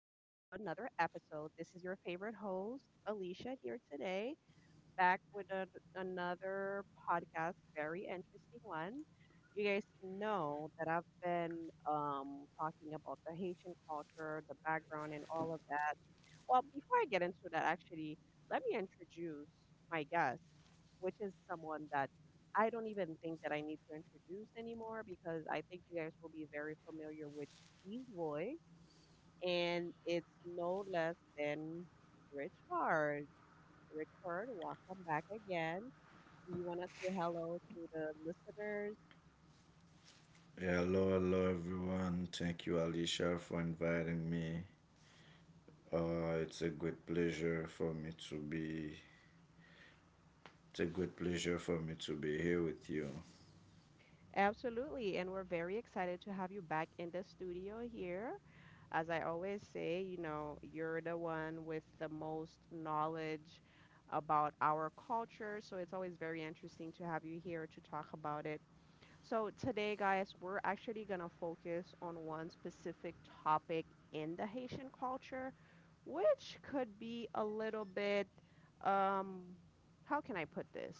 another episode. This is your favorite host, Alicia, here today, back with an another podcast, very interesting one. You guys know that I've been talking about the Haitian culture, the background, and all of that. Well, before I get into that, actually, let me introduce my guest, which is someone that I don't even think that I need to introduce anymore because I think you guys will be very familiar with his voice, and it's no less than Rich Card. Rich Card, welcome back again. Do you want to say hello to the listeners? Hello, hello everyone. Thank you, Alicia, for inviting me. It's a great pleasure for me to be. It's a great pleasure for me to be here with you. Absolutely. And we're very excited to have you back in the studio here. As I always say, you know, you're the one with the most knowledge about our culture. So it's always very interesting to have you here to talk about it. So today, guys, we're actually going to focus on one specific topic in the Haitian culture, which could be a little bit, um, how can I put this?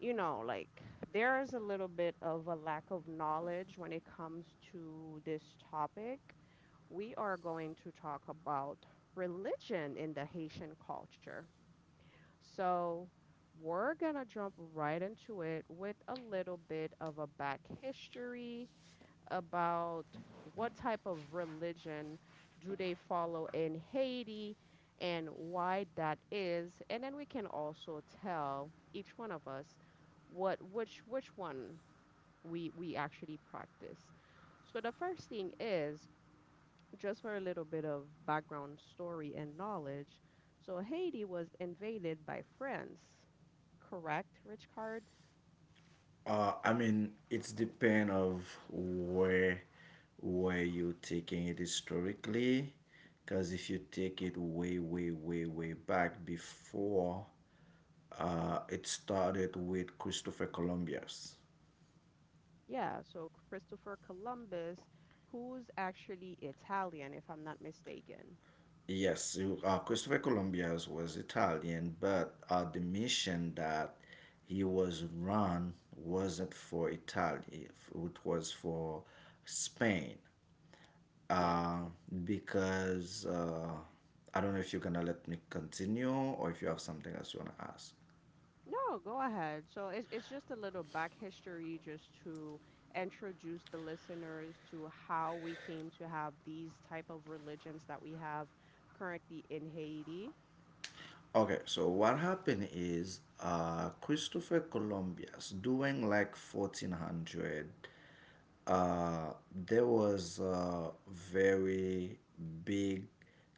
You know, like there is a little bit of a lack of knowledge when it comes to this topic. We are going to talk about religion in the Haitian culture. So, we're going to jump right into it with a little bit of a back history about what type of religion do they follow in Haiti and why that is. And then we can also tell each one of us what which one we actually practice. So the first thing is just for a little bit of background story and knowledge. So Haiti was invaded by France, correct, Richard? I mean, it's depend of where you taking it historically, because if you take it way, way, way, way back before, it started with Christopher Columbus. Yeah, so Christopher Columbus, who's actually Italian, if I'm not mistaken. Yes, Christopher Columbus was Italian, but the mission that he was run wasn't for Italy, it was for Spain. Yeah. Uh, because I don't know if you're gonna let me continue or if you have something else you wanna ask. No, go ahead. So it's just a little back history just to introduce the listeners to how we came to have these type of religions that we have currently in Haiti. Okay, so what happened is Christopher Columbus during like 1400, there was a very big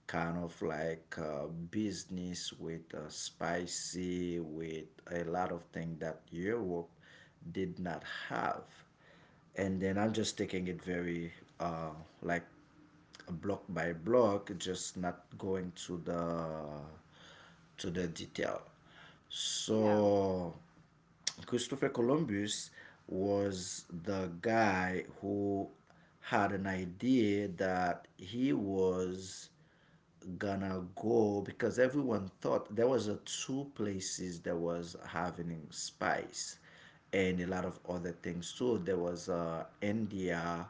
kind of like business with spicy, with a lot of things that Europe did not have. And then I'm just taking it very uh, like block by block, just not going to the detail. Yeah. So Christopher Columbus was the guy who had an idea that he was gonna go because everyone thought there was a two places that was having spice and a lot of other things too. There was India,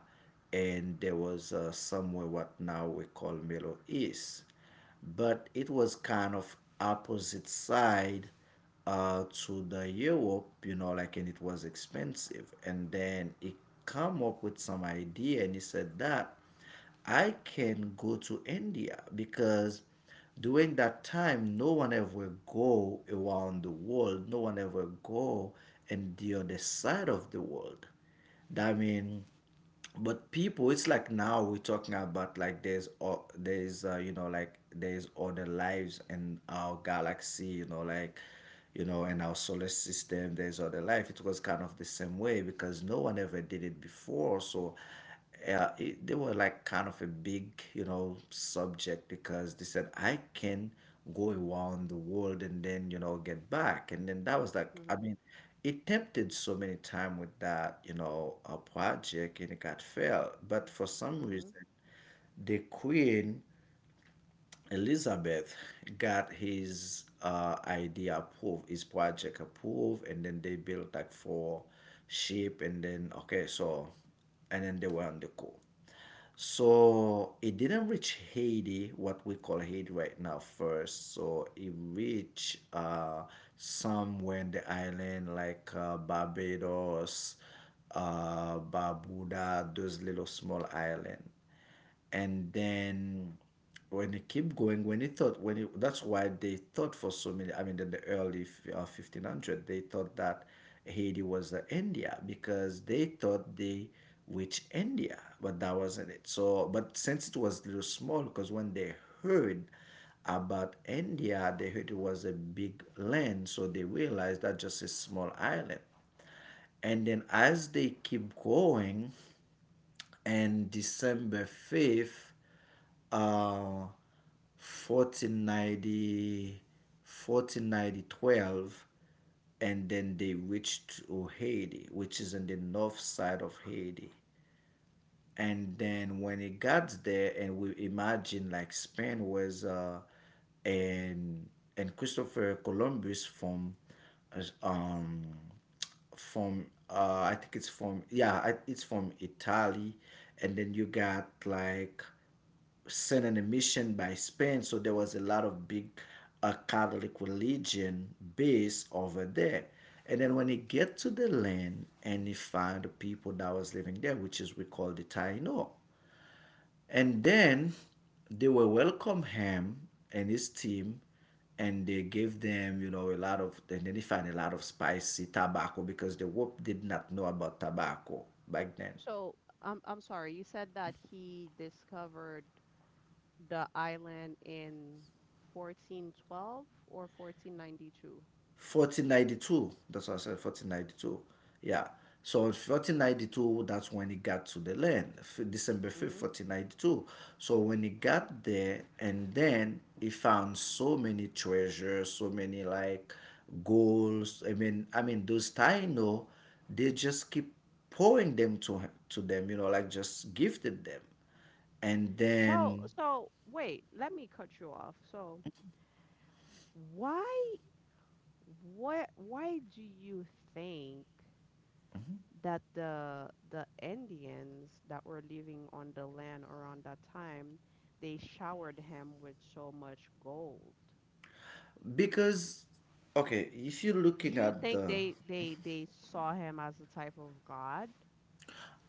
and there was somewhere what now we call Middle East, but it was kind of opposite side to the Europe, like, and it was expensive. And then he come up with some idea, and he said that I can go to India because during that time, no one ever go around the world. No one ever go and the other side of the world. I mean, but people it's like now we're talking about like there's o- there's like there's other lives in our galaxy, in our solar system there's other life. It was kind of the same way because no one ever did it before. So yeah, they were like kind of a big, subject because they said I can go around the world and then, get back. And then that was like, I Mm-hmm. mean, it tempted so many time with that, a project and it got failed. But for some Mm-hmm. reason, the queen Elizabeth got his idea approved, his project approved, and then they built like four ship, and then okay, so, and then they were on the coup. So it didn't reach Haiti, what we call Haiti right now, first. So it reached somewhere in the island like Barbados, Barbuda, those little small island. And then when it keep going when it thought when it, that's why they thought for so many, I mean, in the early 1500 they thought that Haiti was the India because they thought they reached India but that wasn't it. So but since it was little small because when they heard about India they heard it was a big land so they realized that just a small island. And then as they keep going, and December 5th, uh, 1490, 1490 12, and then they reached to Haiti, which is on the north side of Haiti. And then when it got there and we imagine like Spain was and and Christopher Columbus from uh, um I think it's from, yeah, it's from Italy. And then you got like sent an mission by Spain, so there was a lot of big Catholic religion base over there. And then when he get to the land and he found the people that was living there, which is we call the Taino. And then they will welcome him and his team and they gave them, a lot of and then they find a lot of spicy tobacco because the Whoop did not know about tobacco back then. So I'm sorry, you said that he discovered the island in 1412 or 1492. 1492. That's what I said, 1492. Yeah. So in 1492, that's when he got to the land, December 5th, 1492. So when he got there, and then he found so many treasures, so many like goals. I mean, those Taino, they just keep pouring them to them, like just gifted them. And So, then so wait, let me cut you off. So, why, why do you think that the Indians that were living on the land around that time, they showered him with so much gold? because okay, if you're Do looking you at think the. they saw him as a type of god?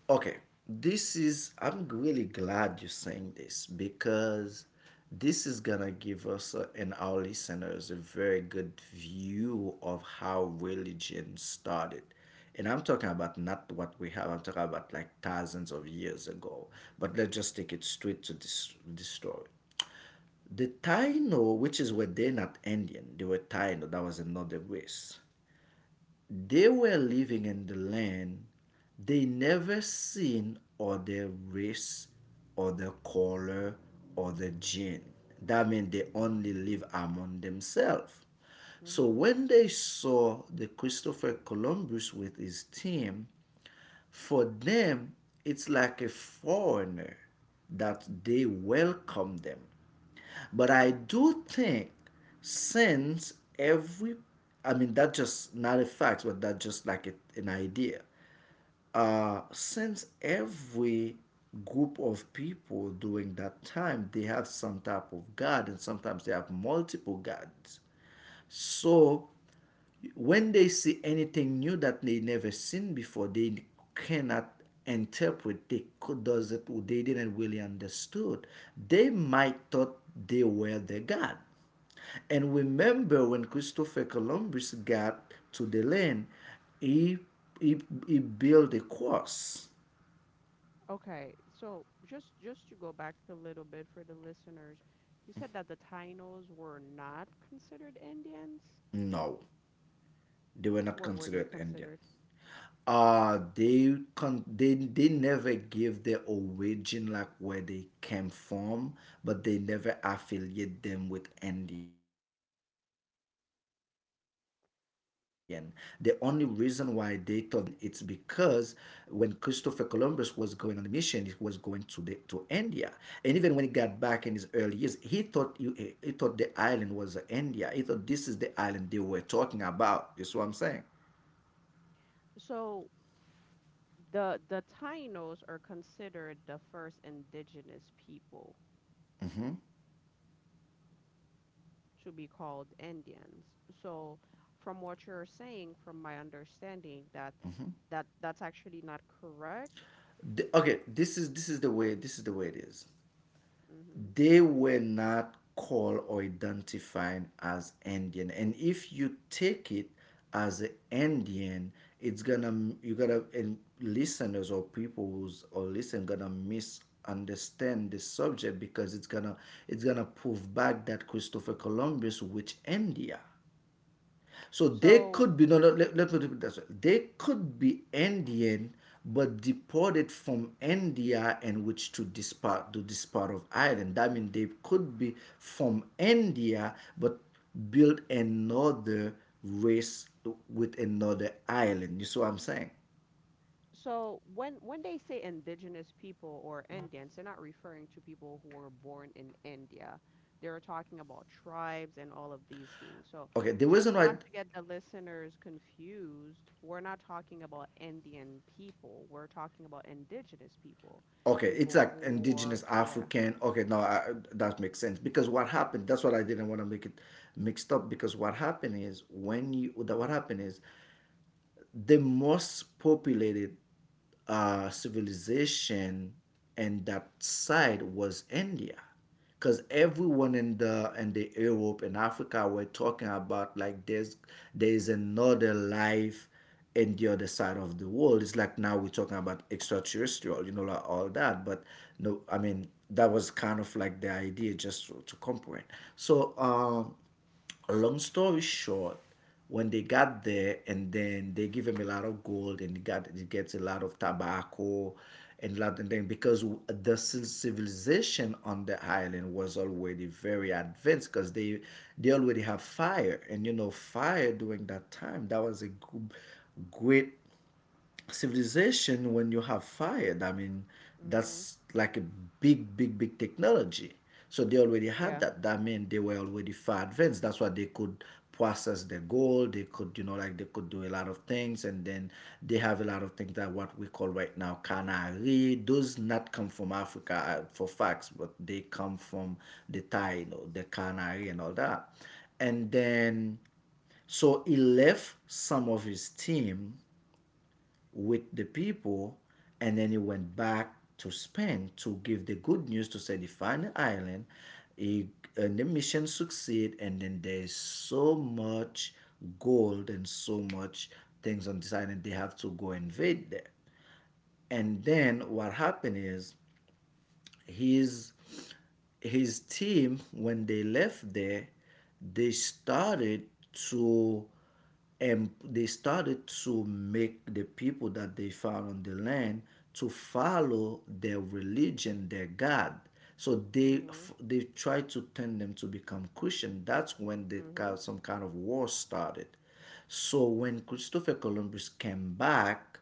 Okay, I'm really glad you're saying this because this is gonna give us, and our listeners, a very good view of how religion started. And I'm talking about not what we have, I'm talking about like thousands of years ago. But let's just take it straight to this story. The Taino, which is where they're not Indian, they were Taino, that was another race. They were living in the land they never seen or their race or their color or their gene. That means they only live among themselves. So Mm-hmm. when they saw the Christopher Columbus with his team, for them, it's like a foreigner that they welcome them. But I do think since every, I mean, that just not a fact, but that just like an idea. Since every group of people during that time, they have some type of God and sometimes they have multiple gods. So when they see anything new that they never seen before they cannot interpret, they could does it, they didn't really understood, they might thought they were the god. And remember when Christopher Columbus got to the land he he, he built a cross. Okay, so just to go back a little bit for the listeners, you said that the Tainos were not considered Indians? No, they were not What were they considered Indian. considered? Uh they con they they never give their origin like where they came from but they never affiliate them with Indian. The only reason why they thought it's because when Christopher Columbus was going on the mission he was going to India. And even when he got back in his early years he thought he thought the island was India, he thought this is the island they were talking about. You see what I'm saying? So the Tainos are considered the first indigenous people Hmm. to be called Indians. So from what you're saying, from my understanding, that that's actually not correct. Okay, this is the way it is. Hmm. They were not called or identified as Indian, and if you take it as an Indian, it's gonna you gotta and listeners or people who's or listen gonna misunderstand the subject because it's gonna prove back that Christopher Columbus which India. So they So could be, no, no, let me put it this way. They could be Indian, but deported from India and which to this part, of Ireland. That means they could be from India, but build another race with another island. You see what I'm saying? so when they say indigenous people or Indians, they're not referring to people who were born in India. They're talking about tribes and all of these things. So Okay, the reason just why, not to get the listeners confused, we're not talking about Indian people. We're talking about indigenous people, okay, it's people like who indigenous are, yeah. African. Okay, no, that makes sense because what happened? That's what I didn't want to make it mixed up because what happened is when you that what happened is the most populated civilization and that side was India. Because everyone in the Europe and Africa were talking about like there's another life in the other side of the world. It's like now we're talking about extraterrestrial, like all that. But no, I mean that was kind of like the idea just to comprehend. So long story short, when they got there, and then they give him a lot of gold, and he gets a lot of tobacco, and lot and then because the civilization on the island was already very advanced, because they already have fire, and fire during that time that was a great civilization when you have fire, I mean, Mhm. that's like a big big big technology. So they already had Yeah. that, that meant they were already far advanced, that's why they could process the gold, they could, like, they could do a lot of things. And then they have a lot of things that what we call right now canary, those not come from Africa, for facts, but they come from the Thai, the canary and all that. And then so he left some of his team with the people, and then he went back to Spain to give the good news to say find the final island. He, and the mission succeed, and then there's so much gold and so much things on this island. They have to go invade there. And then what happened is his his team when they left there they started to and they started to make the people that they found on the land to follow their religion, their god, so Mhm. they tried to turn them to become Christian. That's when they got Mhm. some kind of war started. So when Christopher Columbus came back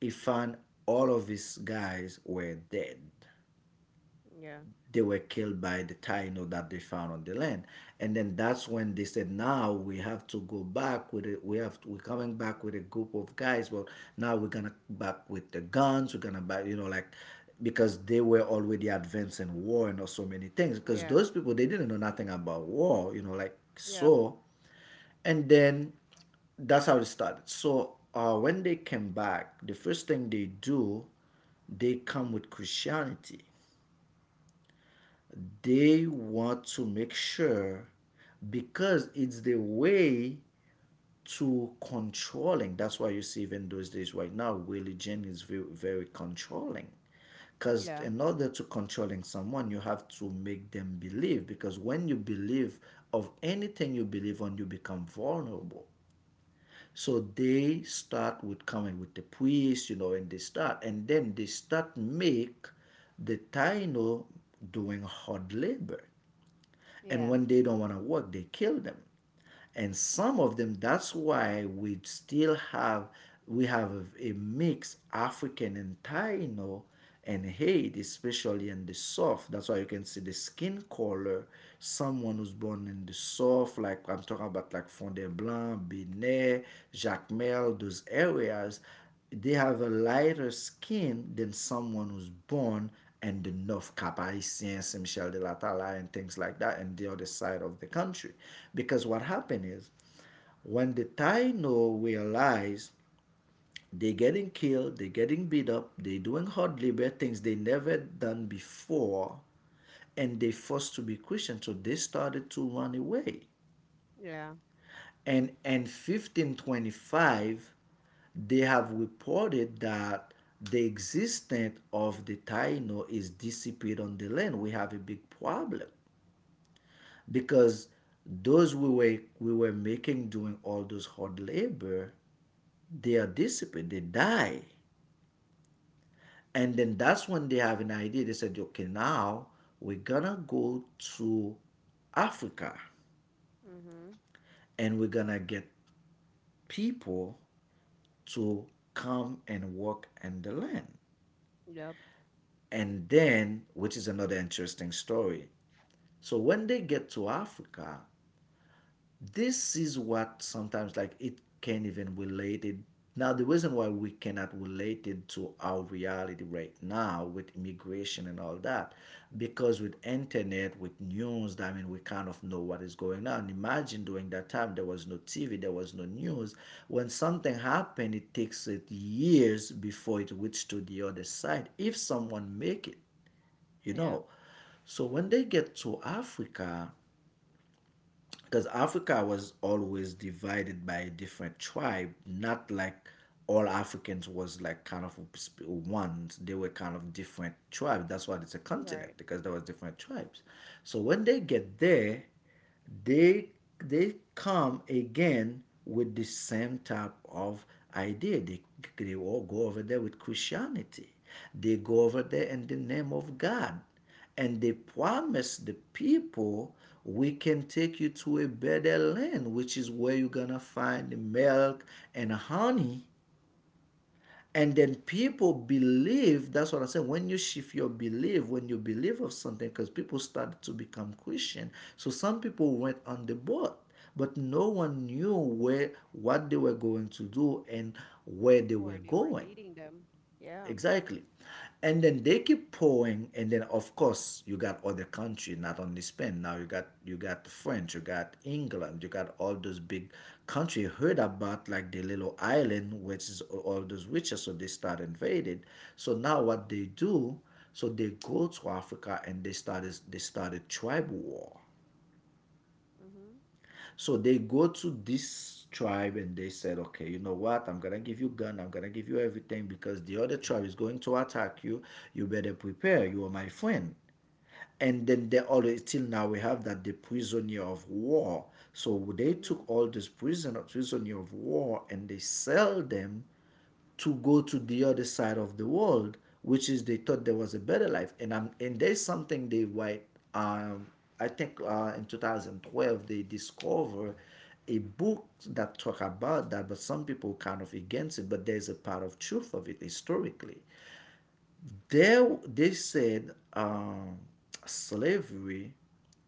he found all of his guys were dead. Yeah. They were killed by the Taino that they found on the land. And then that's when they said, now we have to go back with it. We're coming back with a group of guys. Well, now we're gonna back with the guns. We're gonna back, you know, like because they were already advancing war and so many things. Because Yeah. those people they didn't know nothing about war, you know, like Yep. so. And then that's how it started. So when they came back, the first thing they do, they come with Christianity. They want to make sure, because it's the way to controlling. That's why you see, even those days right now, religion is very, very controlling. Because Yeah. in order to controlling someone, you have to make them believe. Because when you believe of anything you believe on, you become vulnerable. So they start with coming with the priest, you know, and they start, and then they start make the Taino doing hard labor. And Yeah. when they don't want to work, they kill them. And some of them, that's why we still have a mix African and Taino and Haiti, especially in the South. That's why you can see the skin color. Someone who's born in the South, like I'm talking about like Fond du Blanc, Benet, Jacmel, those areas, they have a lighter skin than someone who's born and the North Cap Haitians, Saint Michel de la Tala, and things like that, and the other side of the country. Because what happened is, when the Taino realize they're getting killed, they're getting beat up, they're doing hard labor, things they never done before, and they are forced to be Christian, so they started to run away. Yeah. And in 1525, they have reported that the existence of the Taino is disappeared on the land. We have a big problem because those we were making doing all those hard labor, they are disappeared, they die. And then that's when they have an idea. They said, okay, now we're gonna go to Africa Mhm. and we're gonna get people to come and work in the land. Yep. And then, which is another interesting story. So when they get to Africa, this is what sometimes like it can't even relate it. Now the reason why we cannot relate it to our reality right now with immigration and all that, because with internet, with news, I mean, we kind of know what is going on. Imagine during that time, there was no TV, there was no news. When something happened, it takes it years before it reaches to the other side, if someone make it, you know. Yeah. So when they get to Africa, because Africa was always divided by a different tribe, not like all Africans was like kind of one. They were kind of different tribes. That's why it's a continent Right. because there was different tribes. So when they get there, they they come again with the same type of idea. They all go over there with Christianity. They go over there in the name of God and they promised the people, we can take you to a better land, which is where you're gonna find the milk and honey. And then people believe. That's what I said, when you shift your belief, when you believe of something, because people started to become Christian. So some people went on the boat, but no one knew where, what they were going to do and where they were Where they were going. leading them. Yeah. Exactly. And then they keep pouring, and then of course you got other country, not only Spain. Now you got the French, you got England, you got all those big country heard about like the little island, which is all those witches, so they start invaded. So now what they do, so they go to Africa and they started tribal war. Mhm. So they go to this tribe and they said, okay, you know what? I'm gonna give you gun. I'm gonna give you everything because the other tribe is going to attack you. You better prepare. You are my friend. And then they always till now we have that the prisoner of war. So they took Mhm. all these prisoner of war and they sell them to go to the other side of the world, which is they thought there was a better life. And I'm and there's something they white. Um, I think in 2012 they discover a book that talk about that, but some people kind of against it. But there's a part of truth of it historically. They said slavery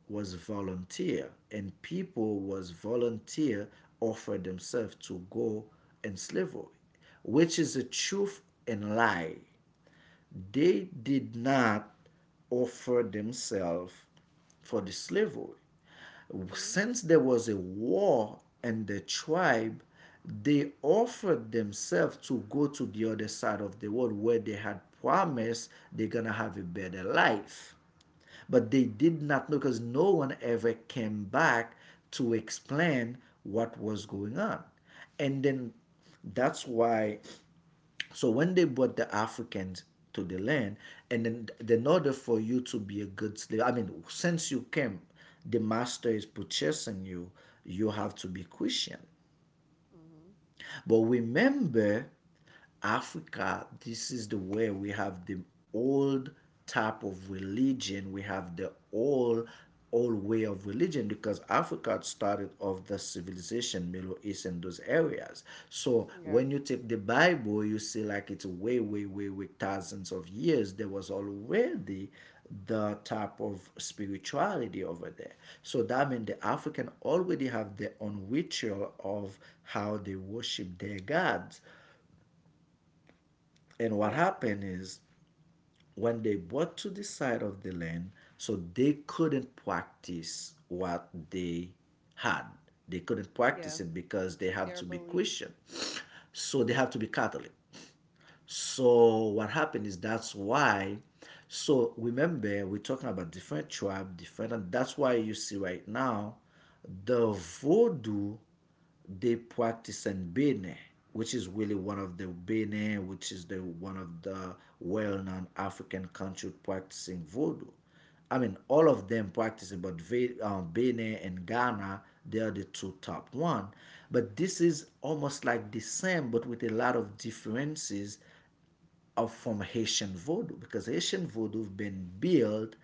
was volunteer and people was volunteer offer themselves to go in slavery, which is a truth and lie. They did not offer themselves for the slavery. Mhm. Since there was a war in the tribe, they offered themselves to go to the other side of the world where they had promised they're gonna have a better life. But they did not know because no one ever came back to explain what was going on. And then that's why, so when they brought the Africans to the land, and then in order for you to be a good slave, I mean, since you came, the master is purchasing you. You have to be Christian. Mhm. But remember, Africa, this is the way we have the old type of religion. We have the old way of religion because Africa started of the civilization, Middle East and those areas. So Yeah. when you take the Bible, you see like it's way, way, way, way thousands of years. There was already the type of spirituality over there. So that means the African already have their own ritual of how they worship their gods. And what Yeah. happened is, when they brought to the side of the land, so they couldn't practice what they had. They couldn't practice Yeah. it because they have Their to be Christian. beliefs. So they have to be Catholic. So what happened is that's why. So remember, we're talking about different tribe, different, and that's why you see right now, the Vodou they practice in Benin, which is really one of the Benin, which is the one of the well-known African country practicing Vodou. I mean, all of them practicing, but Benin and Ghana, they are the two top one. But this is almost like the same, but with a lot of differences of from Haitian Vodou, because Haitian Vodou have been built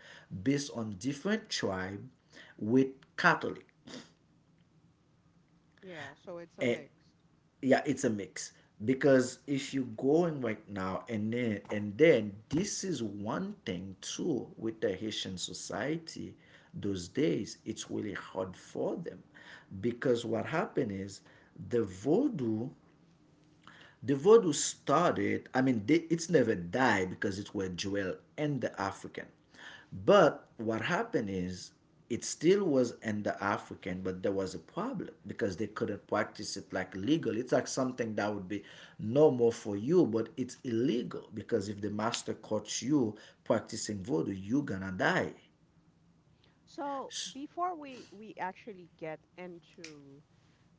based on different tribe with Catholic. Yeah. So it's a Eh, mixed. yeah, it's a mix. Because if you going right now, and then this is one thing too with the Haitian society, those days it's really hard for them, because what happened is the Vodou, the Vodou started, I mean, they, it's never died because it were Joel and the African. But what happened is it still was in the African, but there was a problem because they couldn't practice it like legal. It's like something that would be normal for you, but it's illegal because if the master caught you practicing vodou, you're gonna die. So before we actually get into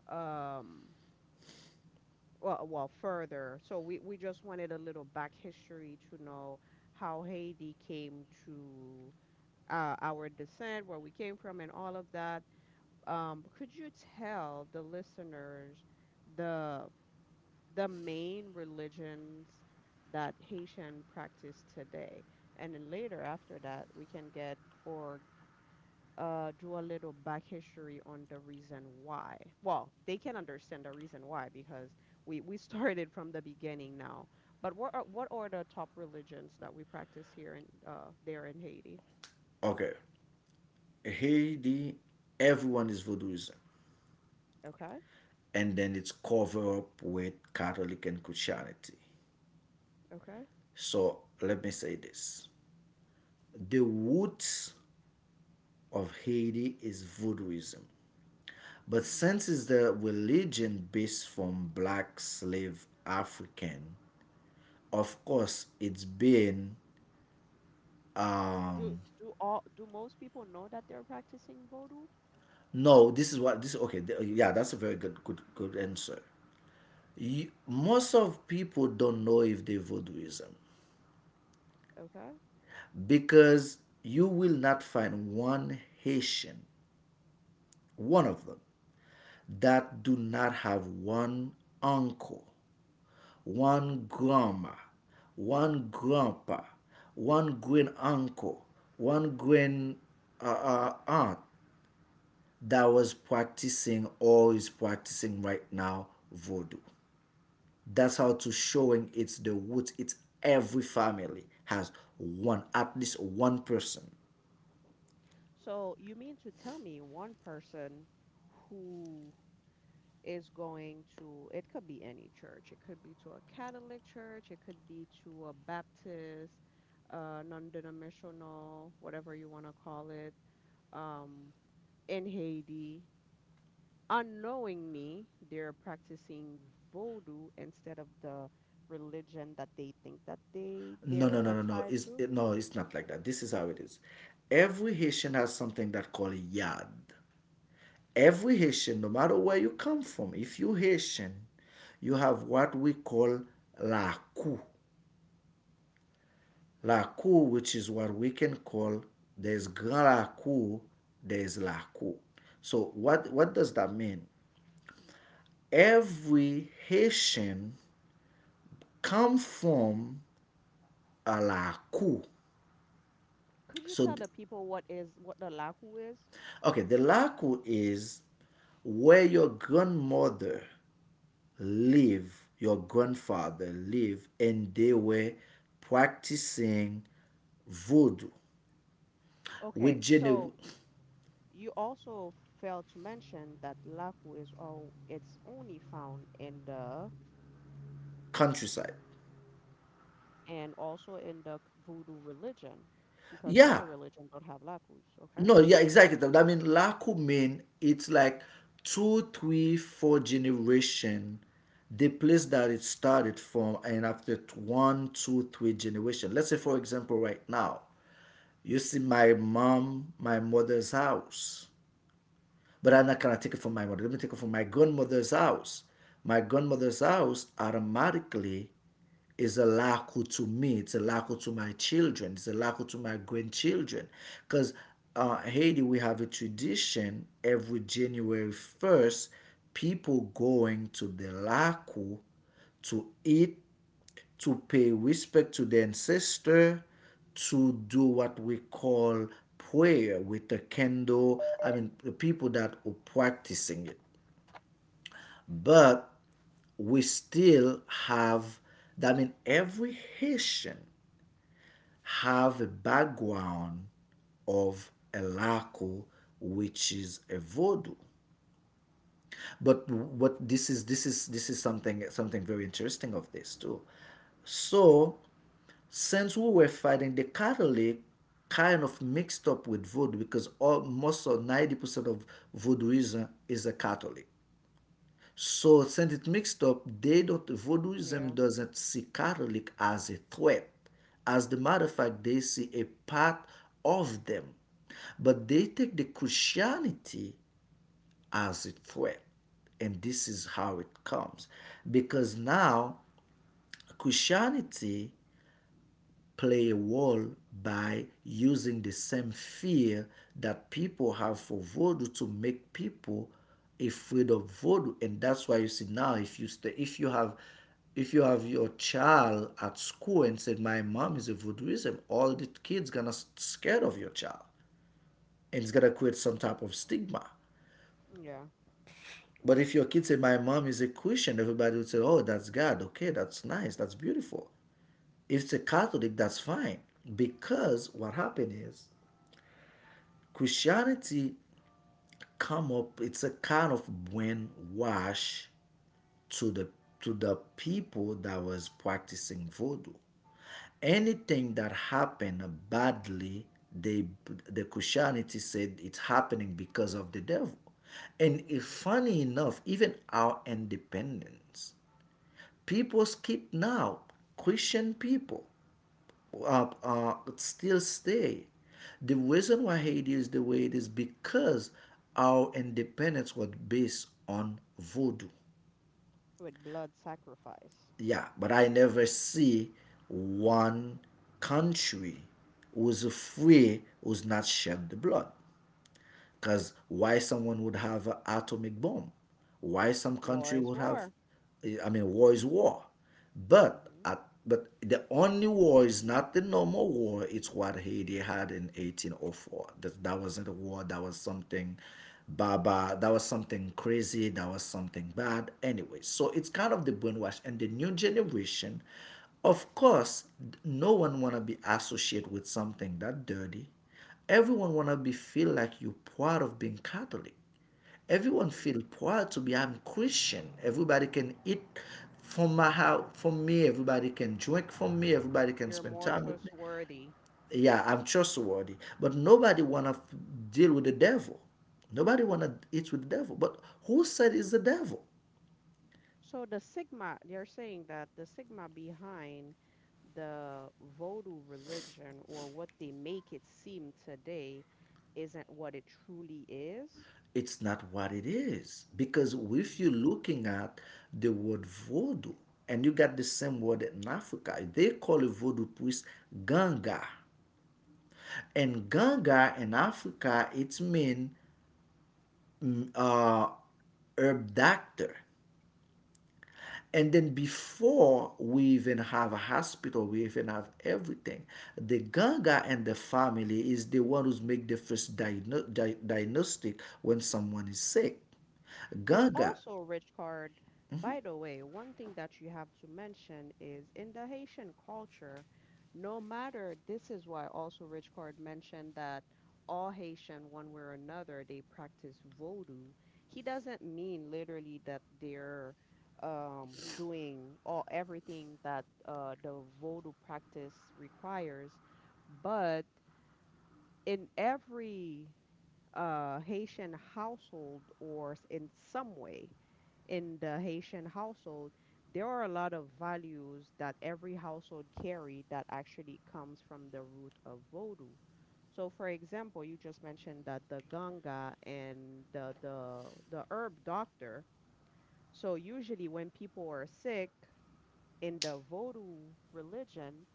um well well further, so we just wanted a little back history to know how Haiti came to our descent, where we came from, and all of that. Could you tell the listeners the the main religions that Haitian practice today. And then later after that, we can get or do a little back history on the reason why. Well, they can understand the reason why because we started from the beginning now. But what are the top religions that we practice here in there in Haiti? Okay, Haiti, everyone is vodouism, Okay, and then it's cover up with Catholic and Christianity. okay. So let me say this, the roots of Haiti is voodooism. But Hmm. since it's the religion based from black slave African, of course it's been Do um do all do most people know that they're practicing voodoo? no, this is what this okay, yeah, that's a very good answer. You, most of people don't know if they voodooism, Okay. because you will not find one Haitian, one of them that do not have one uncle, one grandma, one grandpa, one great uncle, one great aunt that was practicing or is practicing right now voodoo. That's how to showing it's the roots. It's every family has one, at least one person. So you mean to tell me one person who is going to, it could be any church, it could be to a Catholic church, it could be to a Baptist, non-denominational, whatever you want to call it, um, in Haiti, unknowingly, they're practicing voodoo instead of the religion that they think that they No, no, they're no, no, no. tied It's to. it, no, it's not like that. This is how it is. Every Haitian has something that called yad. Every Haitian, no matter where you come from, if you Haitian, you have what we call la cou. La cou, which is what we can call there's grand la cou, there's la cou. So what does that mean? Every Haitian come from a la cou. Could you So tell the people what is what the lahu is? okay, the la cou is where your grandmother live, your grandfather live, and they were practicing voodoo with Okay, Jenny so you also failed to mention that Laku is all it's only found in the, countryside. and also in the voodoo religion because Yeah, other religions don't have Lakus, okay? no, yeah, exactly. That that mean Laku mean it's like two, three, four generation. The place that it started from, and after one, two, three generation. Let's say, for example, right now, you see my mom, my mother's house. But I'm not gonna take it from my mother. Let me take it from my grandmother's house. My grandmother's house automatically is a laku to me. It's a laku to my children. It's a laku to my grandchildren. Because Haiti, we have a tradition every January 1st, people going to the laku to eat, to pay respect to the ancestor, to do what we call prayer with the kendo, I mean, the people that are practicing it. But we still have, I mean, every Haitian have a background of a Laco, which is a voodoo. But what this is something very interesting of this too. So since we were fighting the Catholic, kind of mixed up with voodoo because all, most of 90% of voodooism is a Catholic. So since it mixed up, they don't, voodooism Yeah, doesn't see Catholic as a threat. As a matter of fact, they see a part of them. But they take the Christianity as a threat. And this is how it comes. Because now Christianity play a role by using the same fear that people have for voodoo to make people afraid of voodoo. And that's why you see now, if you stay, if you have, if you have your child at school and said my mom is a voodooism, all the kids gonna scared of your child and it's gonna create some type of stigma. yeah. But if your kid say my mom is a Christian, everybody would say oh that's God, okay, that's nice, that's beautiful. If it's a Catholic, that's fine. Because what happened is Christianity come up, it's a kind of brainwash to the people that was practicing voodoo. Anything that happened badly, they, the Christianity said it's happening because of the devil. And if, Hmm. funny enough, even our independence, people skip now, Christian people still stay. The reason why Haiti is the way it is because our independence was based on voodoo. With blood sacrifice. Yeah, but I never see one country who's free who's not shed the blood. Because why someone would have an atomic bomb? Why some War country is would have? war. I mean, war is war, but Hmm. but the only war is not the normal war. It's what Haiti had in 1804. That that wasn't a war. That was something, baba. That was something crazy. That was something bad. Anyway, so it's kind of the brainwash and the new generation. Of course, no one wanna be associated with something that dirty. Everyone wanna be feel like you proud of being Catholic. Everyone Mm. feel proud to be I'm Christian. Everybody can eat from my house from me. Everybody can drink from me. Everybody can You're spend more time with me. trustworthy. Yeah, I'm trustworthy. But nobody wanna deal with the devil. Nobody wanna eat with the devil. But who said it's the devil? So the sigma, they are saying that the sigma behind the Vodou religion or what they make it seem today isn't what it truly is? It's not what it is, because if you're looking at the word voodoo and you got the same word in Africa, they call a voodoo priest ganga, and ganga in Africa it's mean, mm, uh, herb doctor. And then before we even have a hospital, we even have everything, the ganga and the family is the one who's make the first diagnostic when someone is sick. And Ganga. also, rich card, by the way, one thing that you have to mention is in the Haitian culture, no matter, this is why also rich card mentioned that all Haitian, one way or another, they practice voodoo. He doesn't mean literally that they're doing all everything that the voodoo practice requires, but in every Haitian household or s- in some way in the Haitian household, there are a lot of values that every household carry that actually comes from the root of Vodou. So, for example, you just mentioned that the ganga and the the herb doctor. So usually when people are sick in the Vodou religion,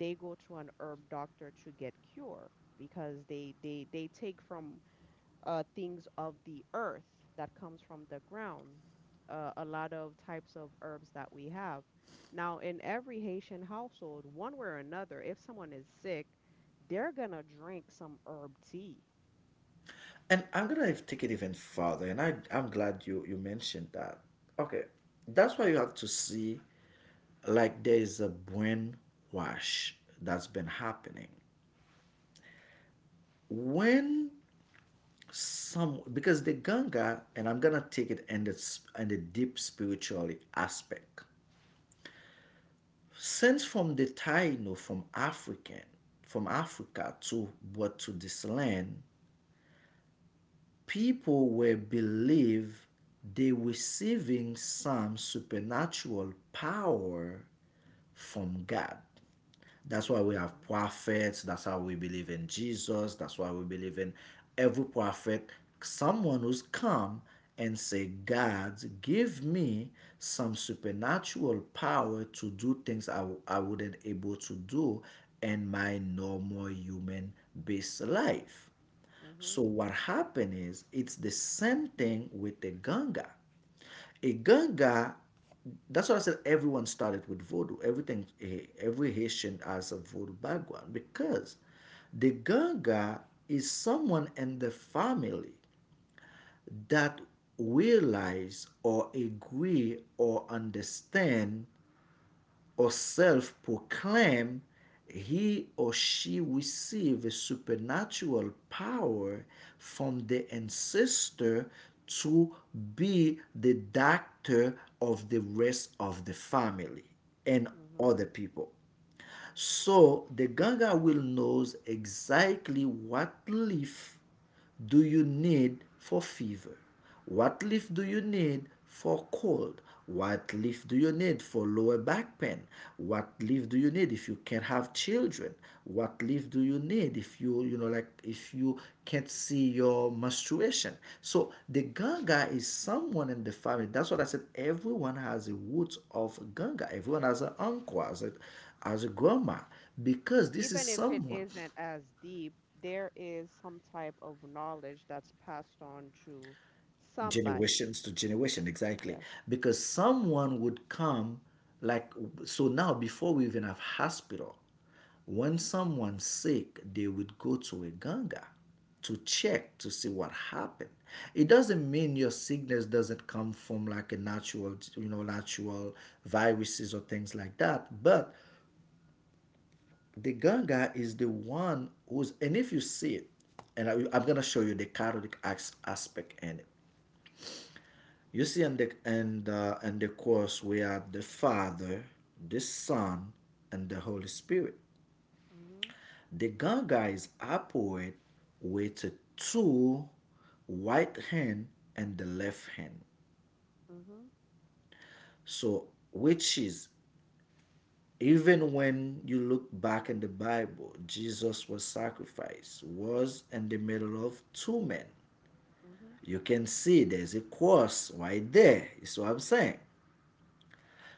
they go to an herb doctor to get cure because they take from things of the earth that comes from the ground, a lot of types of herbs that we have. Now, in every Haitian household, one way or another, if someone is sick, they're gonna drink some herb tea. And I'm gonna take it even further, and I'm glad you mentioned that. Okay, that's why you have to see, like there is a brain wash that's been happening when some, because the Ganga, and I'm gonna take it in the in the deep spiritual aspect, since from the Taino, from African, from Africa to, what, to this land, people will believe they receiving some supernatural power from God. That's why we have Hmm. prophets. That's how we believe in Jesus. That's why we believe in every prophet. Someone who's come and say, God, give me some supernatural power to do things I wouldn't able to do in my normal human based life. So Hmm. what happened is it's the same thing with the Ganga. A Ganga, that's why I said everyone started with voodoo. Everything, every Haitian has a voodoo background, because the Ganga is someone in the family that realize or agree or understand or self proclaim, he or she receive a supernatural power from the ancestor to be the doctor of the rest of the family and Hmm. other people. So the Gaga will knows exactly, what leaf do you need for fever? What leaf do you need for cold? What leaf do you need for lower back pain? What leaf do you need if you can't have children? What leaf do you need if you, you know, like if you can't see your menstruation? So the Ganga is someone in the family. That's what I said. Everyone has a root of Ganga. Everyone has an uncle, has a, as a grandma, because this is Even if it someone isn't as deep, there is some type of knowledge that's passed on to somebody. generations to generation, exactly. Yeah. Because someone would come, like, so now before we even have hospital, when someone's sick they would go to a ganga to check to see what happened. It doesn't mean your sickness doesn't come from like a natural, you know, natural viruses or things like that, but the Ganga is the one who's, and if you see it, and I'm gonna show you the Karudic aspect in it. You see in the, and in the course, we are the Father, the Son, and the Holy Spirit. Hmm. The Ganga is appointed with two, right hand and the left hand. Hmm. So which is, even when you look back in the Bible, Jesus was sacrificed, was in the middle of two men. Hmm. You can see there's a cross right there. Is what I'm saying.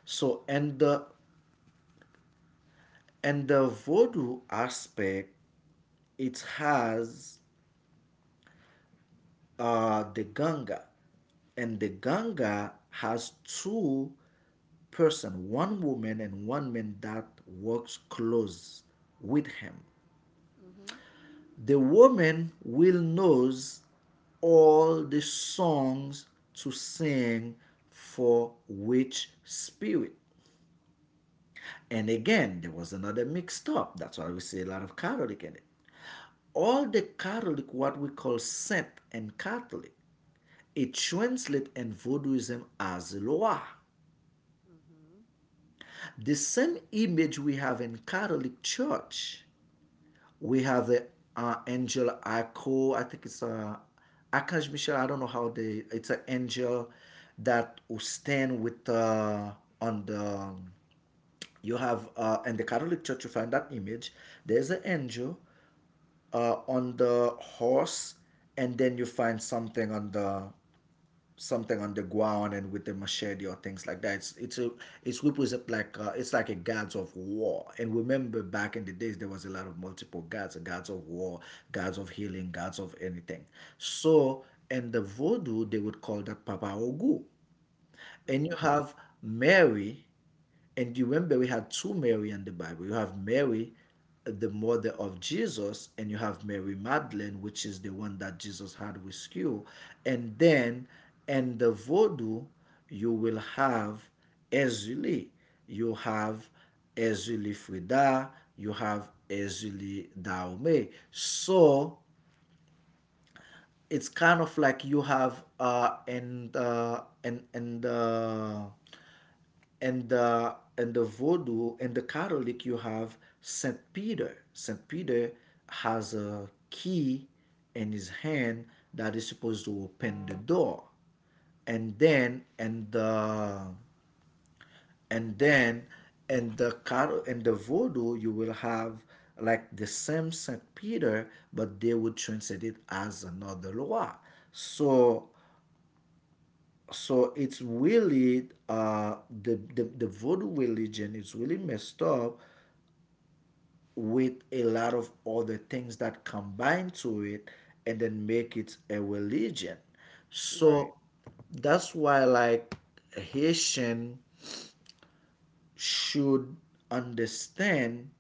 So and the, and the voodoo aspect, it has the Ganga, and the Ganga has two person, one woman and one man that works close with him. Hmm. The woman will knows all the songs to sing for which spirit. And again, there was another mixed up. That's why we see a lot of Catholic in it. All the Catholic, what we call saint and Catholic, it translates in Vodouism as Loa. Hmm. The same image we have in Catholic Church. We have the angel Arco, I think it's Archangel Michel, I don't know how they, it's an angel that will stand with, on the, you have, in the Catholic Church, you find that image. There's an angel on the horse, and then you find something on the, something on the ground and with the machete or things like that. It's a it's represent like it's like a gods of war. And remember back in the days there was a lot of multiple gods, gods of war, gods of healing, gods of anything. So in the voodoo they would call that Papa Ogu. And you Hmm. have Mary, and you remember we had two Mary in the Bible. You have Mary, the mother of Jesus, and you have Mary Magdalene, which is the one that Jesus had with you. And then in the Vodou, you will have Ezuli, you have Ezuli Frida, you have Ezuli Daome. So it's kind of like you have and the, Vodou, and the Catholic, you have Saint Peter. Saint Peter has a key in his hand that is supposed to open the door, and then and the, and then and the and the Vodou you will have like the same Saint Peter, but they would translate it as another law. So so it's really the voodoo religion is really messed up with a lot of other things that combine to it and then make it a religion. Right. So that's why, like, Haitian should understand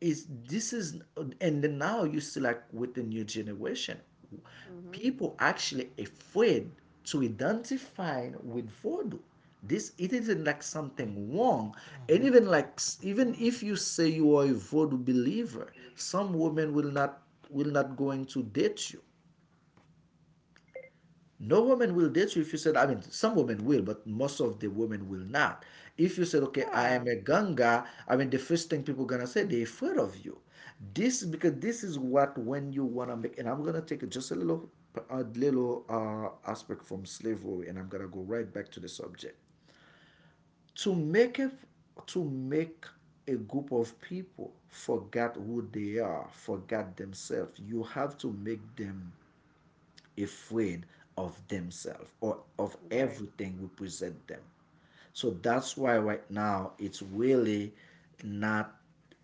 is this is, and then now you see like with the new generation people actually afraid to identify with voodoo. This it isn't like something wrong. And even like, even if you say you are a voodoo believer, some women will not, will not going to date you. No woman will date you if you said, I mean, some women will, but most of the women will not. If you said, okay, I Yeah, am a ganga, I mean, the first thing people gonna say, they're afraid of you. This, because this is what when you wanna make, and I'm gonna take just a little aspect from slavery, and I'm gonna go right back to the subject. To make a, to make a group of people forget who they are, forget themselves, you have to make them afraid of themselves or of right. everything we present them. So that's why right now it's really not,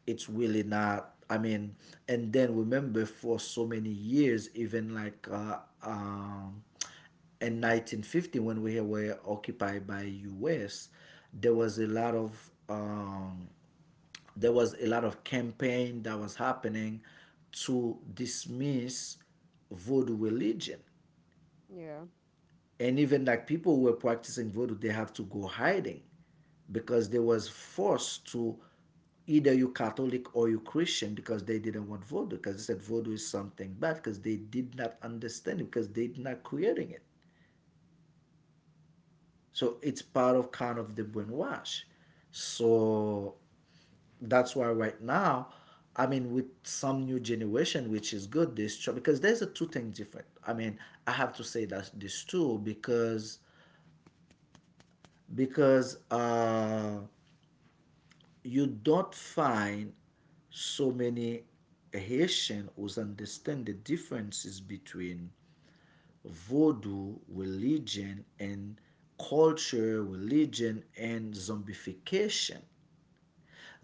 it's really not. I mean, and then remember for so many years, even like in 1950 when we were occupied by U.S., there was a lot of there was a lot of campaign that was happening to dismiss voodoo religion. Yeah. And even like people who were practicing voodoo, they have to go hiding because they was forced to either you catholic or you christian, because they didn't want voodoo because they said voodoo is something bad, because they did not understand it, because they did not creating it. So it's part of kind of the brainwash. So that's why right now, I mean, with some new generation, which is good this, because there's a two things different. I mean, I have to say that this too, because because uh, you don't find so many Haitian who understand the differences between voodoo religion and culture, religion, and zombification.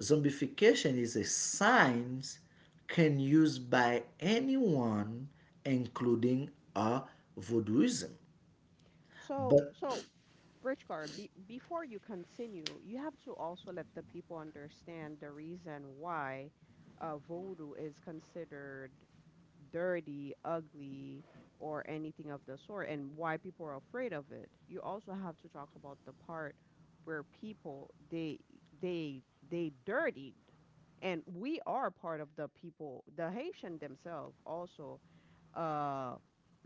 Zombification is a science can use by anyone, including uh, voodooism. So, But so Richard, before you continue, you have to also let the people understand the reason why voodoo is considered dirty, ugly, or anything of the sort, and why people are afraid of it. You also have to talk about the part where people they they dirtied, and we are part of the people, the Haitian themselves also uh,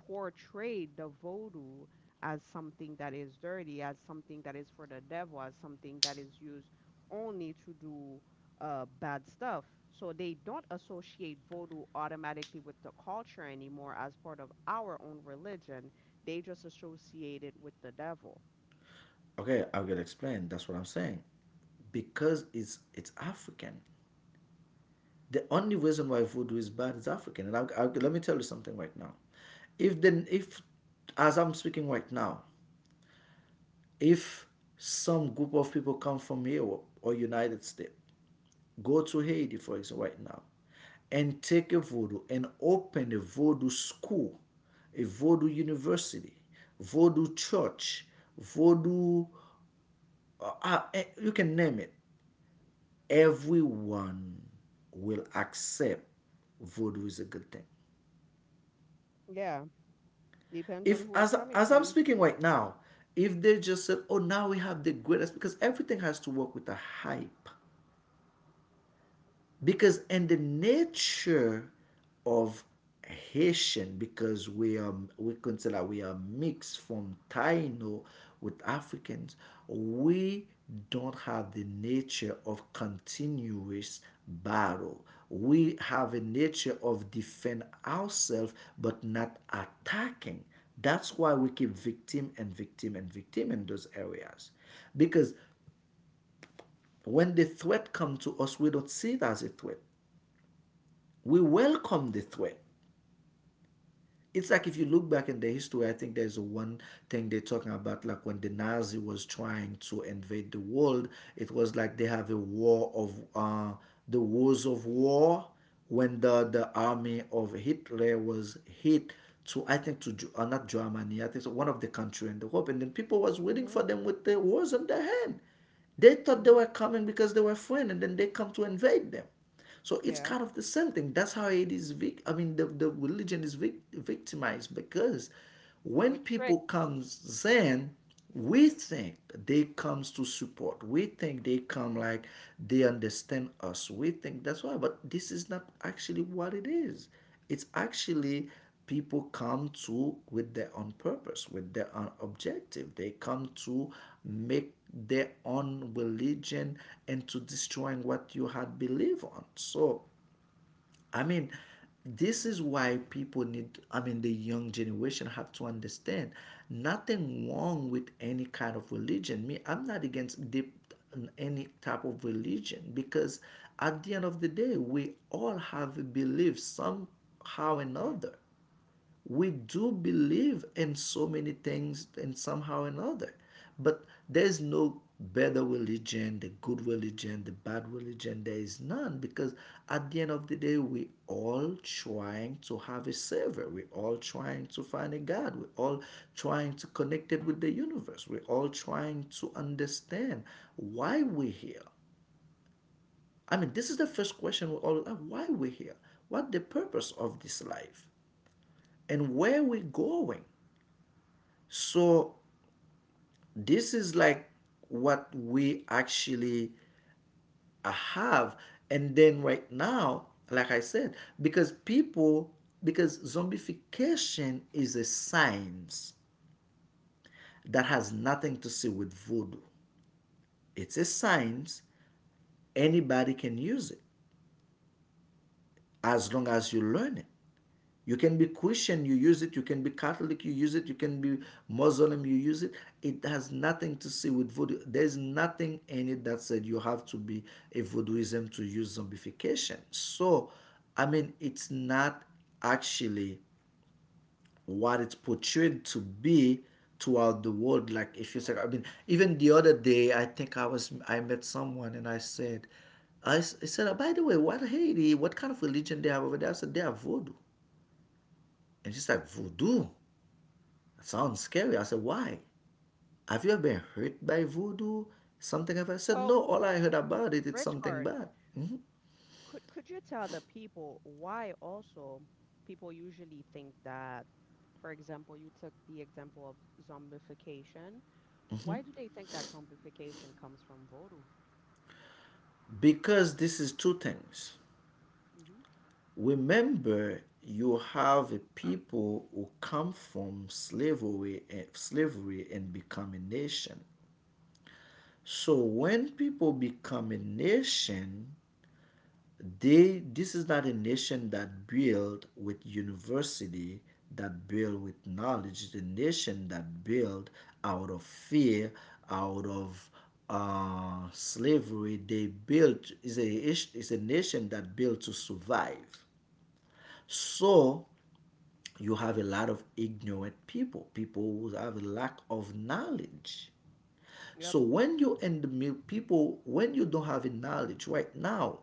portrayed the voodoo as something that is dirty, as something that is for the devil, as something that is used only to do bad stuff. So they don't associate voodoo automatically with the culture anymore as part of our own religion. They just associate it with the devil. okay, I will explain. That's what I'm saying because it's African. The only reason why voodoo is bad is African. And let me tell you something right now. If then, if as I'm speaking right now, if some group of people come from Europe or United States, go to Haiti, for example, right now, and take a voodoo and open a voodoo school, a voodoo university, voodoo church, voodoo, you can name it. Everyone will accept voodoo is a good thing. Yeah, depends on If who it's as coming as I'm from. speaking right now, if they just said, "Oh, now we have the greatest," because everything has to work with a hype, because in the nature of Haitian, because we consider we are mixed from Taino with Africans, we don't have the nature of continuous battle. We have a nature of defend ourselves but not attacking. That's why we keep victim and victim and victim in those areas. Because when the threat comes to us, we don't see it as a threat, we welcome the threat. It's like if you look back in the history, I think there's one thing they're talking about, like when the Nazi was trying to invade the world, it was like they have a war of the wars of war, when the army of Hitler was hit to, I think to not Germany, I think to one of the country in the Europe, and then people was waiting for Mhm. them with their wars in their hand. They thought they were Mhm. coming because they were friend, and then they come to invade them. So it's Yeah, kind of the same thing. That's how it is. I mean, the religion is victimized, because when with people tricks. comes Zen, we think they comes to support. We think they come like they understand us. We think that's why. But this is not actually what it is. It's actually people come to with their own purpose, with their own objective, they come to make their own religion and to destroying what you had believed on. So I mean, this is why people need, I mean, the young generation have to understand nothing wrong with any kind of religion. Me, I'm not against the any type of religion, because at the end of the day, we all have beliefs somehow or another. We do believe in so many things, and somehow or another, but there's no better religion, the good religion, the bad religion, there is none. Because at the end of the day, we all trying to have a savior, we all trying to find a god, we all trying to connect it with the universe, we all trying to understand why we're here. I mean, this is the first question we all have: why we're here, what the purpose of this life, and where we're going. So this is Yeah. like what we actually have. And then right now, like I said, because people, because zombification is a science that has nothing to do with voodoo. It's a science. Anybody can use it as long as you learn it. You can be Christian, you use it. You can be Catholic, you use it. You can be Muslim, you use it. It has nothing to see with voodoo. There's nothing in it that said you have to be a voodooism to use zombification. So I mean, it's not actually what it's portrayed to be throughout the world. Like, if you say, I mean, even the other day, I think I was, I met someone and I said, I said, oh, by the way, what Haiti, what kind of religion they have over there? I said, they have voodoo. And she's like, voodoo? That sounds scary. I said, why? Have you ever been hurt by voodoo? Something ever? I said, So, no, all I heard about it, it's rich something card. bad. Could you tell the people why also people usually think that, for example, you took the example of zombification. Why do they think that zombification comes from voodoo? Because this is two things. Hmm. Remember, you have a people who come from slavery and slavery and become a nation. So when people become a nation, they, this is not a nation that built with university, that built with knowledge. It's a nation that built out of fear, out of slavery. They built is a nation that built to survive. So you have a lot of ignorant people, people who have a lack of knowledge. Yep. So when you and the people, when you don't have a knowledge right now,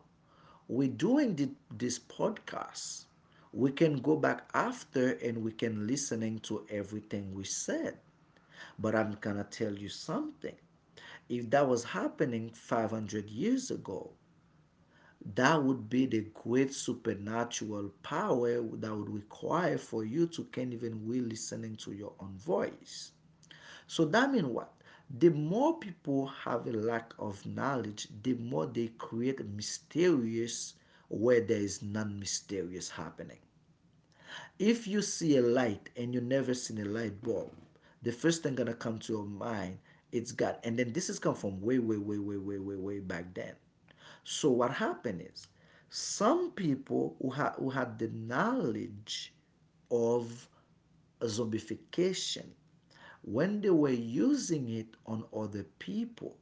we're doing this podcast. We can go back after and we can listening to everything we said. But I'm gonna tell you something. If that was happening 500 years ago, that would be the great supernatural power that would require for you to can even be listening to your own voice. So that means what? The more people have a lack of knowledge, the more they create mysterious where there is non mysterious happening. If you see a light and you never seen a light bulb, the first thing gonna come to your mind, it's God. And then this has come from way, way, way, way, way, way, way back then. So what happened is some people who, who had the knowledge of zombification when they were using it on other people.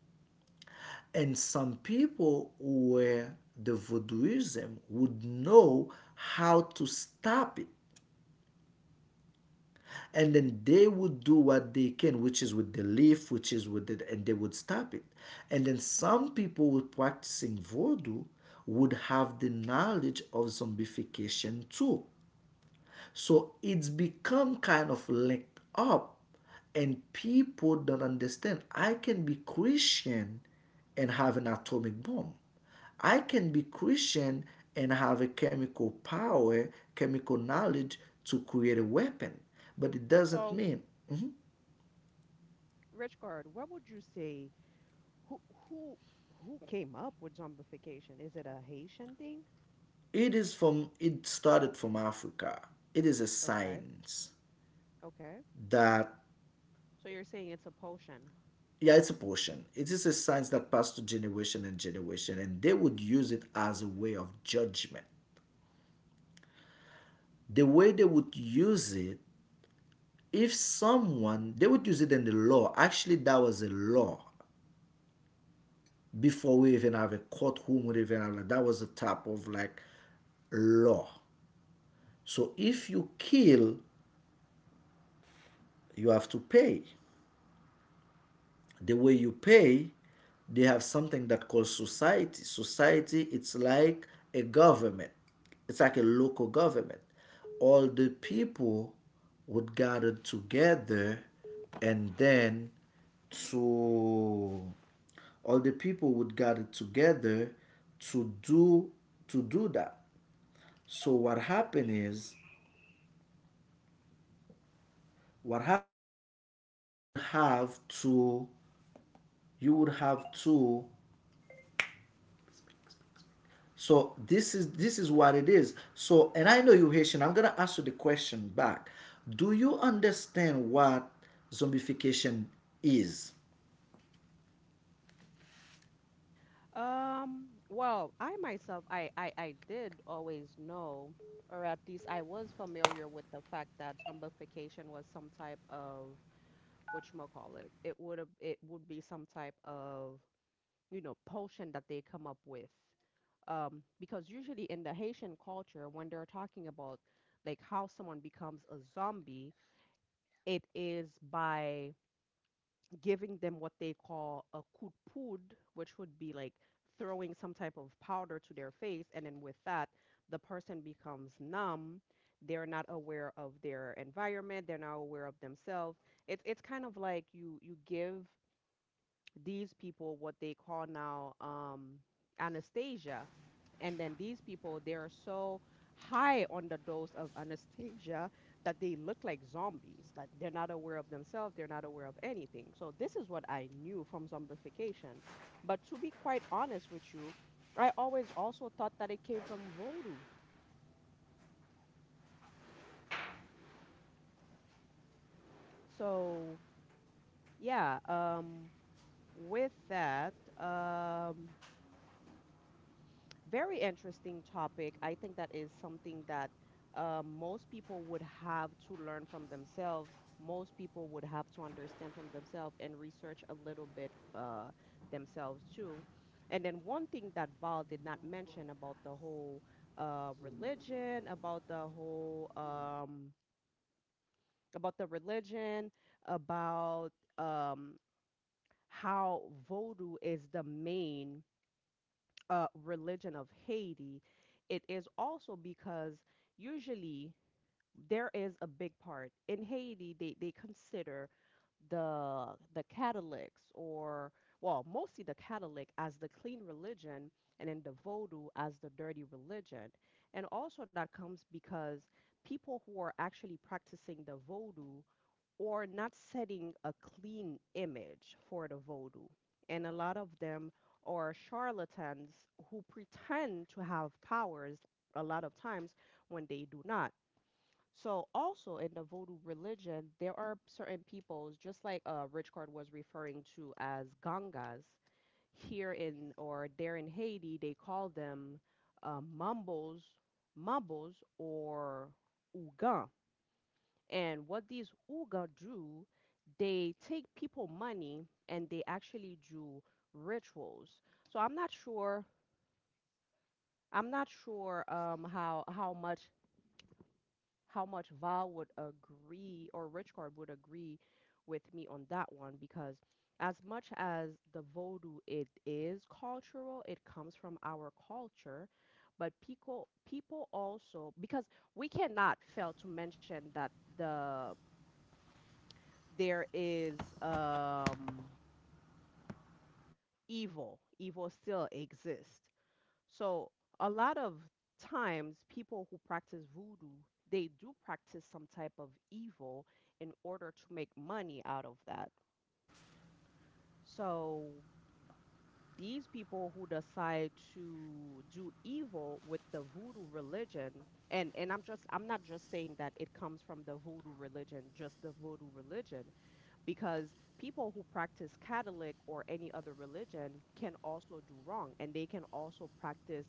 And some people who were the voodooism would know how to stop it. And then they would do what they can, which is with the leaf, which is with it, and they would stop it. And then some people with practicing voodoo would have the knowledge of zombification too. So it's become kind of linked up, and people don't understand. I can be Christian and have an atomic bomb. I can be Christian and have a chemical power, chemical knowledge to create a weapon. But it doesn't So, mean. Mhm. Richard, what would you say? Who who who came up with zombification? Is it a Haitian thing? It is from, it started from Africa. It is a Okay. science Okay. that So you're saying it's a potion. yeah, it's a portion, it is a science that passed to generation and generation, and they would use it as a way of judgment. The way they would use it, if someone, they would use it in the law, actually that was a law before we even have a courtroom would even have, like, that was the type of like law. So if you kill, you have to pay. The way you pay, they have something that called society. Society, it's like a government, it's like a local government. All the people would gather together, and then to all the people would gather together to do to do that. So what happened is what happened, have to, you would have to. So this is what it is. So and I know you Haitian. I'm gonna ask you the question back. Do you understand what zombification is? Well, I myself, I did always know, or at least I was familiar with the fact that zombification was some type of whatchamacallit. It would have, it would be some type of, you know, potion that they come up with. Because usually in the Haitian culture, when they're talking about like how someone becomes a zombie, it is by giving them what they call a coup de poudre, which would be like throwing some type of powder to their face. And then with that, the person becomes numb. They're not aware of their environment. They're not aware of themselves. It's kind of like you give these people what they call now anesthesia. And then these people, they are so high on the dose of anesthesia that they look like zombies. Like they're not aware of themselves, they're not aware of anything. So, this is what I knew from zombification. But to be quite honest with you, I always also thought that it came from voodoo. So, yeah, with that, um, very interesting topic. I think that is something that most people would have to learn from themselves. Most people would have to understand from themselves and research a little bit themselves too. And then one thing that Val did not mention about the whole religion, about the whole about the religion, about um, how voodoo is the main religion of Haiti, it is also because usually there is a big part in Haiti. They consider the the Catholics or well, mostly the Catholic as the clean religion, and then the Vodou as the dirty religion. And also that comes because people who are actually practicing the Vodou or not setting a clean image for the voodoo. And a lot of them are charlatans who pretend to have powers a lot of times when they do not. So, also in the voodoo religion, there are certain peoples, just like Rich Card was referring to as Gangas, here in or there in Haiti, they call them Mambos, Mambos, or Ougan. And what these Uga do, they take people money and they actually do rituals. So I'm not sure. I'm not sure how how much Val would agree or Richcard would agree with me on that one because as much as the Vodou it is cultural, it comes from our culture, but people also because we cannot fail to mention that the there is evil. Evil still exists. So a lot of times, people who practice voodoo, they do practice some type of evil in order to make money out of that. So these people who decide to do evil with the voodoo religion, and I'm not just saying that it comes from the voodoo religion, just the voodoo religion, because people who practice Catholic or any other religion can also do wrong and they can also practice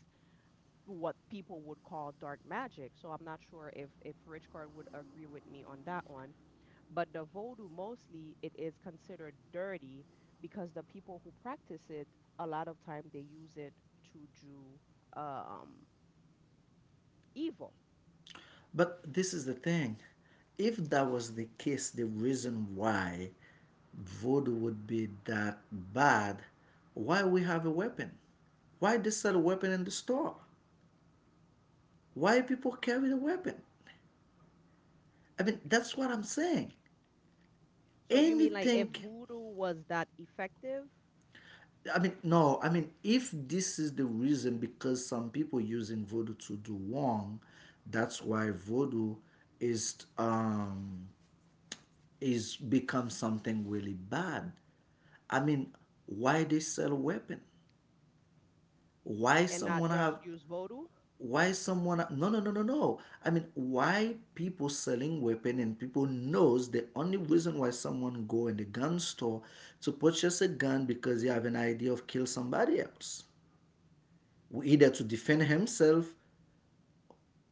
what people would call dark magic. So I'm not sure if Richcard would agree with me on that one, but the voodoo mostly it is considered dirty because the people who practice it a lot of time they use it to do um evil. But this is the thing. If that was the case, the reason why voodoo would be that bad, why we have a weapon? Why they sell a weapon in the store? Why people carry the weapon? I mean, that's what I'm saying. So you mean like if Anything. voodoo was that effective I mean, no, I mean, if this is the reason because some people using voodoo to do wrong, that's why voodoo is um is become something really bad. I mean, why they sell weapon? Why and not someone just have? use voodoo? Why someone? No, no, no, no, no. I mean, why people selling weapon and people knows the only reason why someone go in the gun store to purchase a gun, because they have an idea of kill somebody else, either to defend himself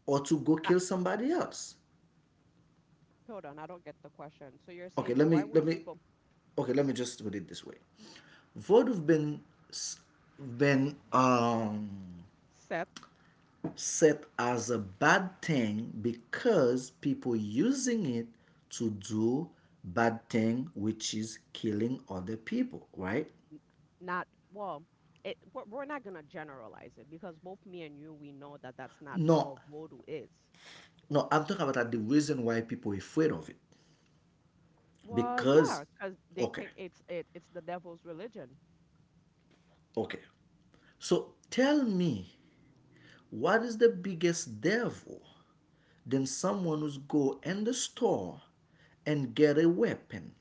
or to go kill somebody else. Hold on, I don't get the question. So you're Okay, saying let why me let would me people okay, let me just put it this way. Voodoo have been set set as a bad thing because people using it to do bad thing, which is killing other people, right? n- not well? It we're not gonna generalize it because both me and you we know that that's not No, all voodoo is. no, I'm talking about that the reason why people are afraid of it Well, because, yeah, because they okay, think it's it's the devil's religion. okay. So tell me, what is the biggest devil than someone who's go in the store and get a weapon?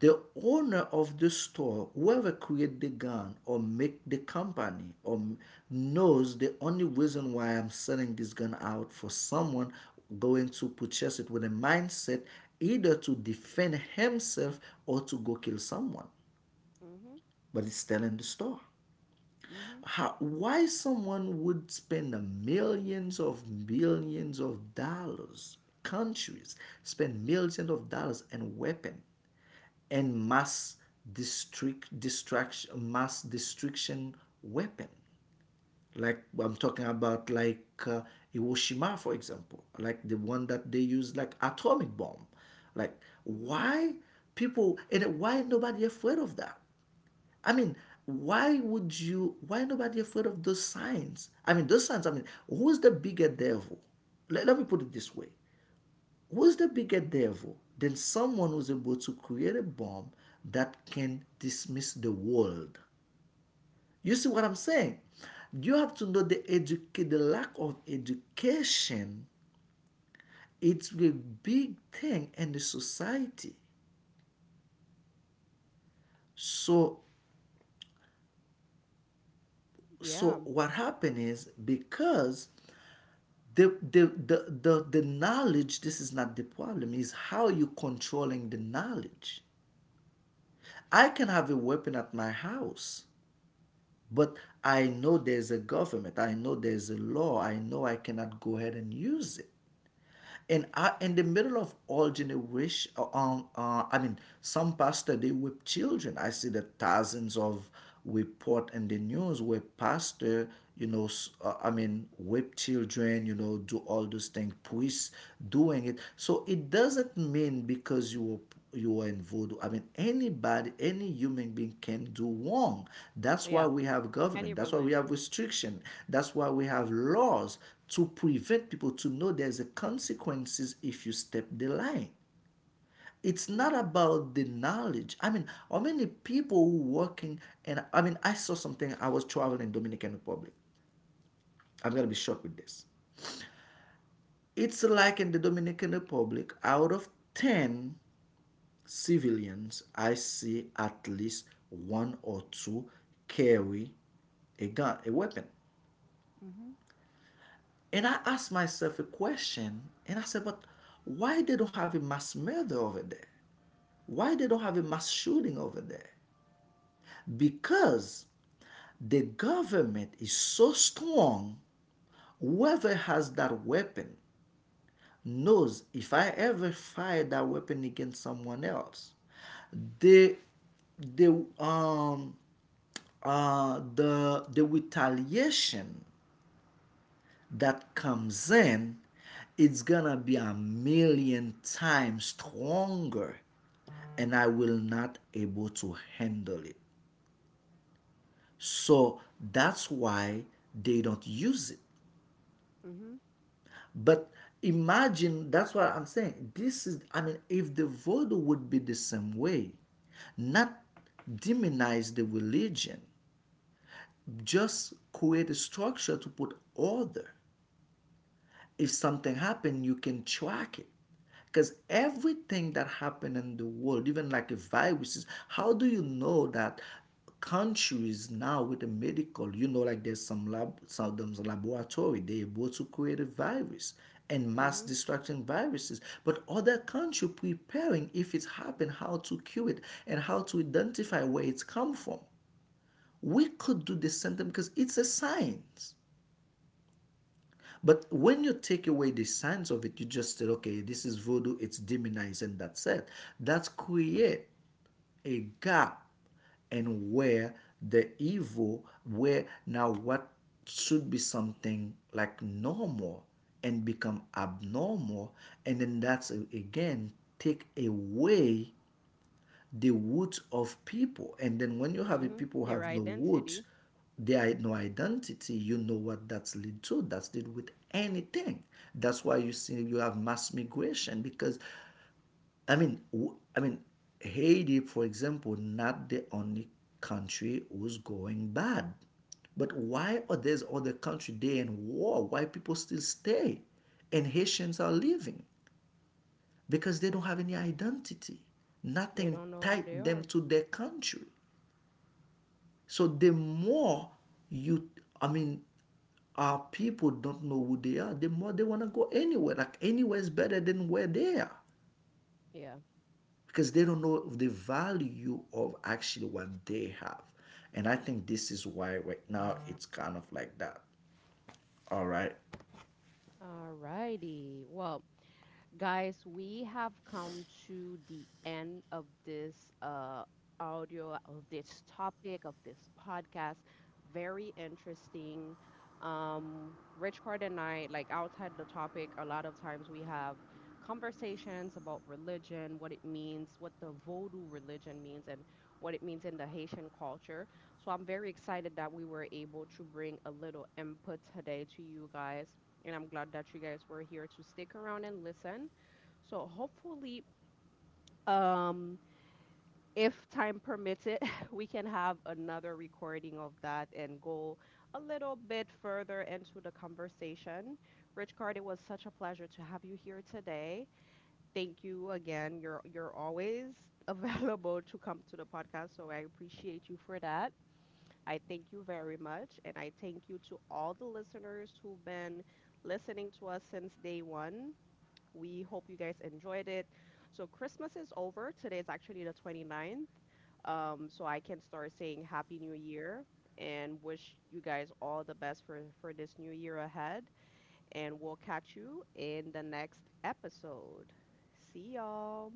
The owner of the store, whoever created the gun or make the company or knows the only reason why I'm selling this gun out for someone going to purchase it with a mindset either to defend himself or to go kill someone. Mhm. But it's still in the store. Mhm. How, why someone would spend millions of billions of dollars, countries spend millions of dollars and weapon and mass district destruction, mass destruction weapon. Like I'm talking about like Hiroshima, for example, like the one that they use like atomic bomb. Like Mhm. why people and why nobody afraid of that? I mean, why would you? Why nobody afraid of those signs? I mean, those signs. I mean, who's the bigger devil? Let me put it this way: who's the bigger devil than someone who's able to create a bomb that can dismiss the world? You see what I'm saying? You have to know the educate the lack of education. It's a big thing in the society. So Yeah. so what happened is because the knowledge, this is not the problem, is how you controlling the knowledge. I can have a weapon at my house, but I know there's a government, I know there's a law, I know I cannot go ahead and use it and I, in the middle of all generation, I mean, some pastor they whip children. I see the thousands of report in the news where pastor, I mean, whip children, do all those things, priests doing it. So it doesn't mean because you are in voodoo. I mean, anybody, any human being can do wrong. That's why Yeah. we have Any government. That's why we have religion. restriction. That's why we have laws to prevent people to know there's a consequences if you step the line. It's not Mhm. about the knowledge. I mean, how many people who working and I mean, I saw something. I was traveling in Dominican Republic. I'm gonna be short with this. It's like in the Dominican Republic, out of ten, civilians, I see at least one or two carry a gun, a weapon. Mhm. And I asked myself a question, and I said, but why they don't have a mass murder over there? Why they don't have a mass shooting over there? Because the government is so strong, whoever has that weapon knows if I ever fire that weapon against someone else, the the um the retaliation that comes in it's gonna be 1,000,000 times stronger and I will not able to handle it so that's why they don't use it Mhm. but imagine that's what I'm saying. This is, I mean, if the voodoo would be the same way, not demonize the religion, just create a structure to put order. If something happened, you can track it. Because everything that happened in the world, even like a viruses, how do you know that countries now with the medical, you know, like there's some lab, some them laboratory, they able to create a virus and mass Mhm. destruction viruses, but other country preparing if it's happened, how to cure it and how to identify where it's come from. We could do the same thing because it's a science. But when you take away the signs of it, you just say, okay, this is voodoo, it's demonized, and that's it. That's create a gap and where the evil, where now what should be something like normal and become abnormal, and then that's again take away the root of people. And then when you have a Mhm. people who Their have no root, identity. they are no identity, you know what that's lead to. That's lead with anything. That's why you see you have mass migration because I mean Haiti, for example, not the only country who's going bad. But why are there's other country they in war? Why people still stay? And Haitians are leaving because they don't have any identity. They Nothing don't know who tied they them are. to their country. So the more you, I mean, our people don't know who they are, the more they want to go anywhere. Like anywhere is better than where they are Yeah. because they don't know the value of actually what they have. And I think this is why right now it's kind of like that. All right. All righty. Well, guys, we have come to the end of this audio, of this topic, of this podcast. Very interesting. Rich Card and I, like outside the topic, a lot of times we have conversations about religion, what it means, what the Vodou religion means, and what it means in the Haitian culture. So I'm very excited that we were able to bring a little input today to you guys and I'm glad that you guys were here to stick around and listen. So hopefully, um, if time permits it, we can have another recording of that and go a little bit further into the conversation. Richcard, it was such a pleasure to have you here today. Thank you again. You're always available to come to the podcast, so I appreciate you for that. I thank you very much, and I thank you to all the listeners who've been listening to us since day one. We hope you guys enjoyed it. So Christmas is over. Today is actually the 29th. So I can start saying Happy New Year and wish you guys all the best for this new year ahead. And we'll catch you in the next episode. See y'all.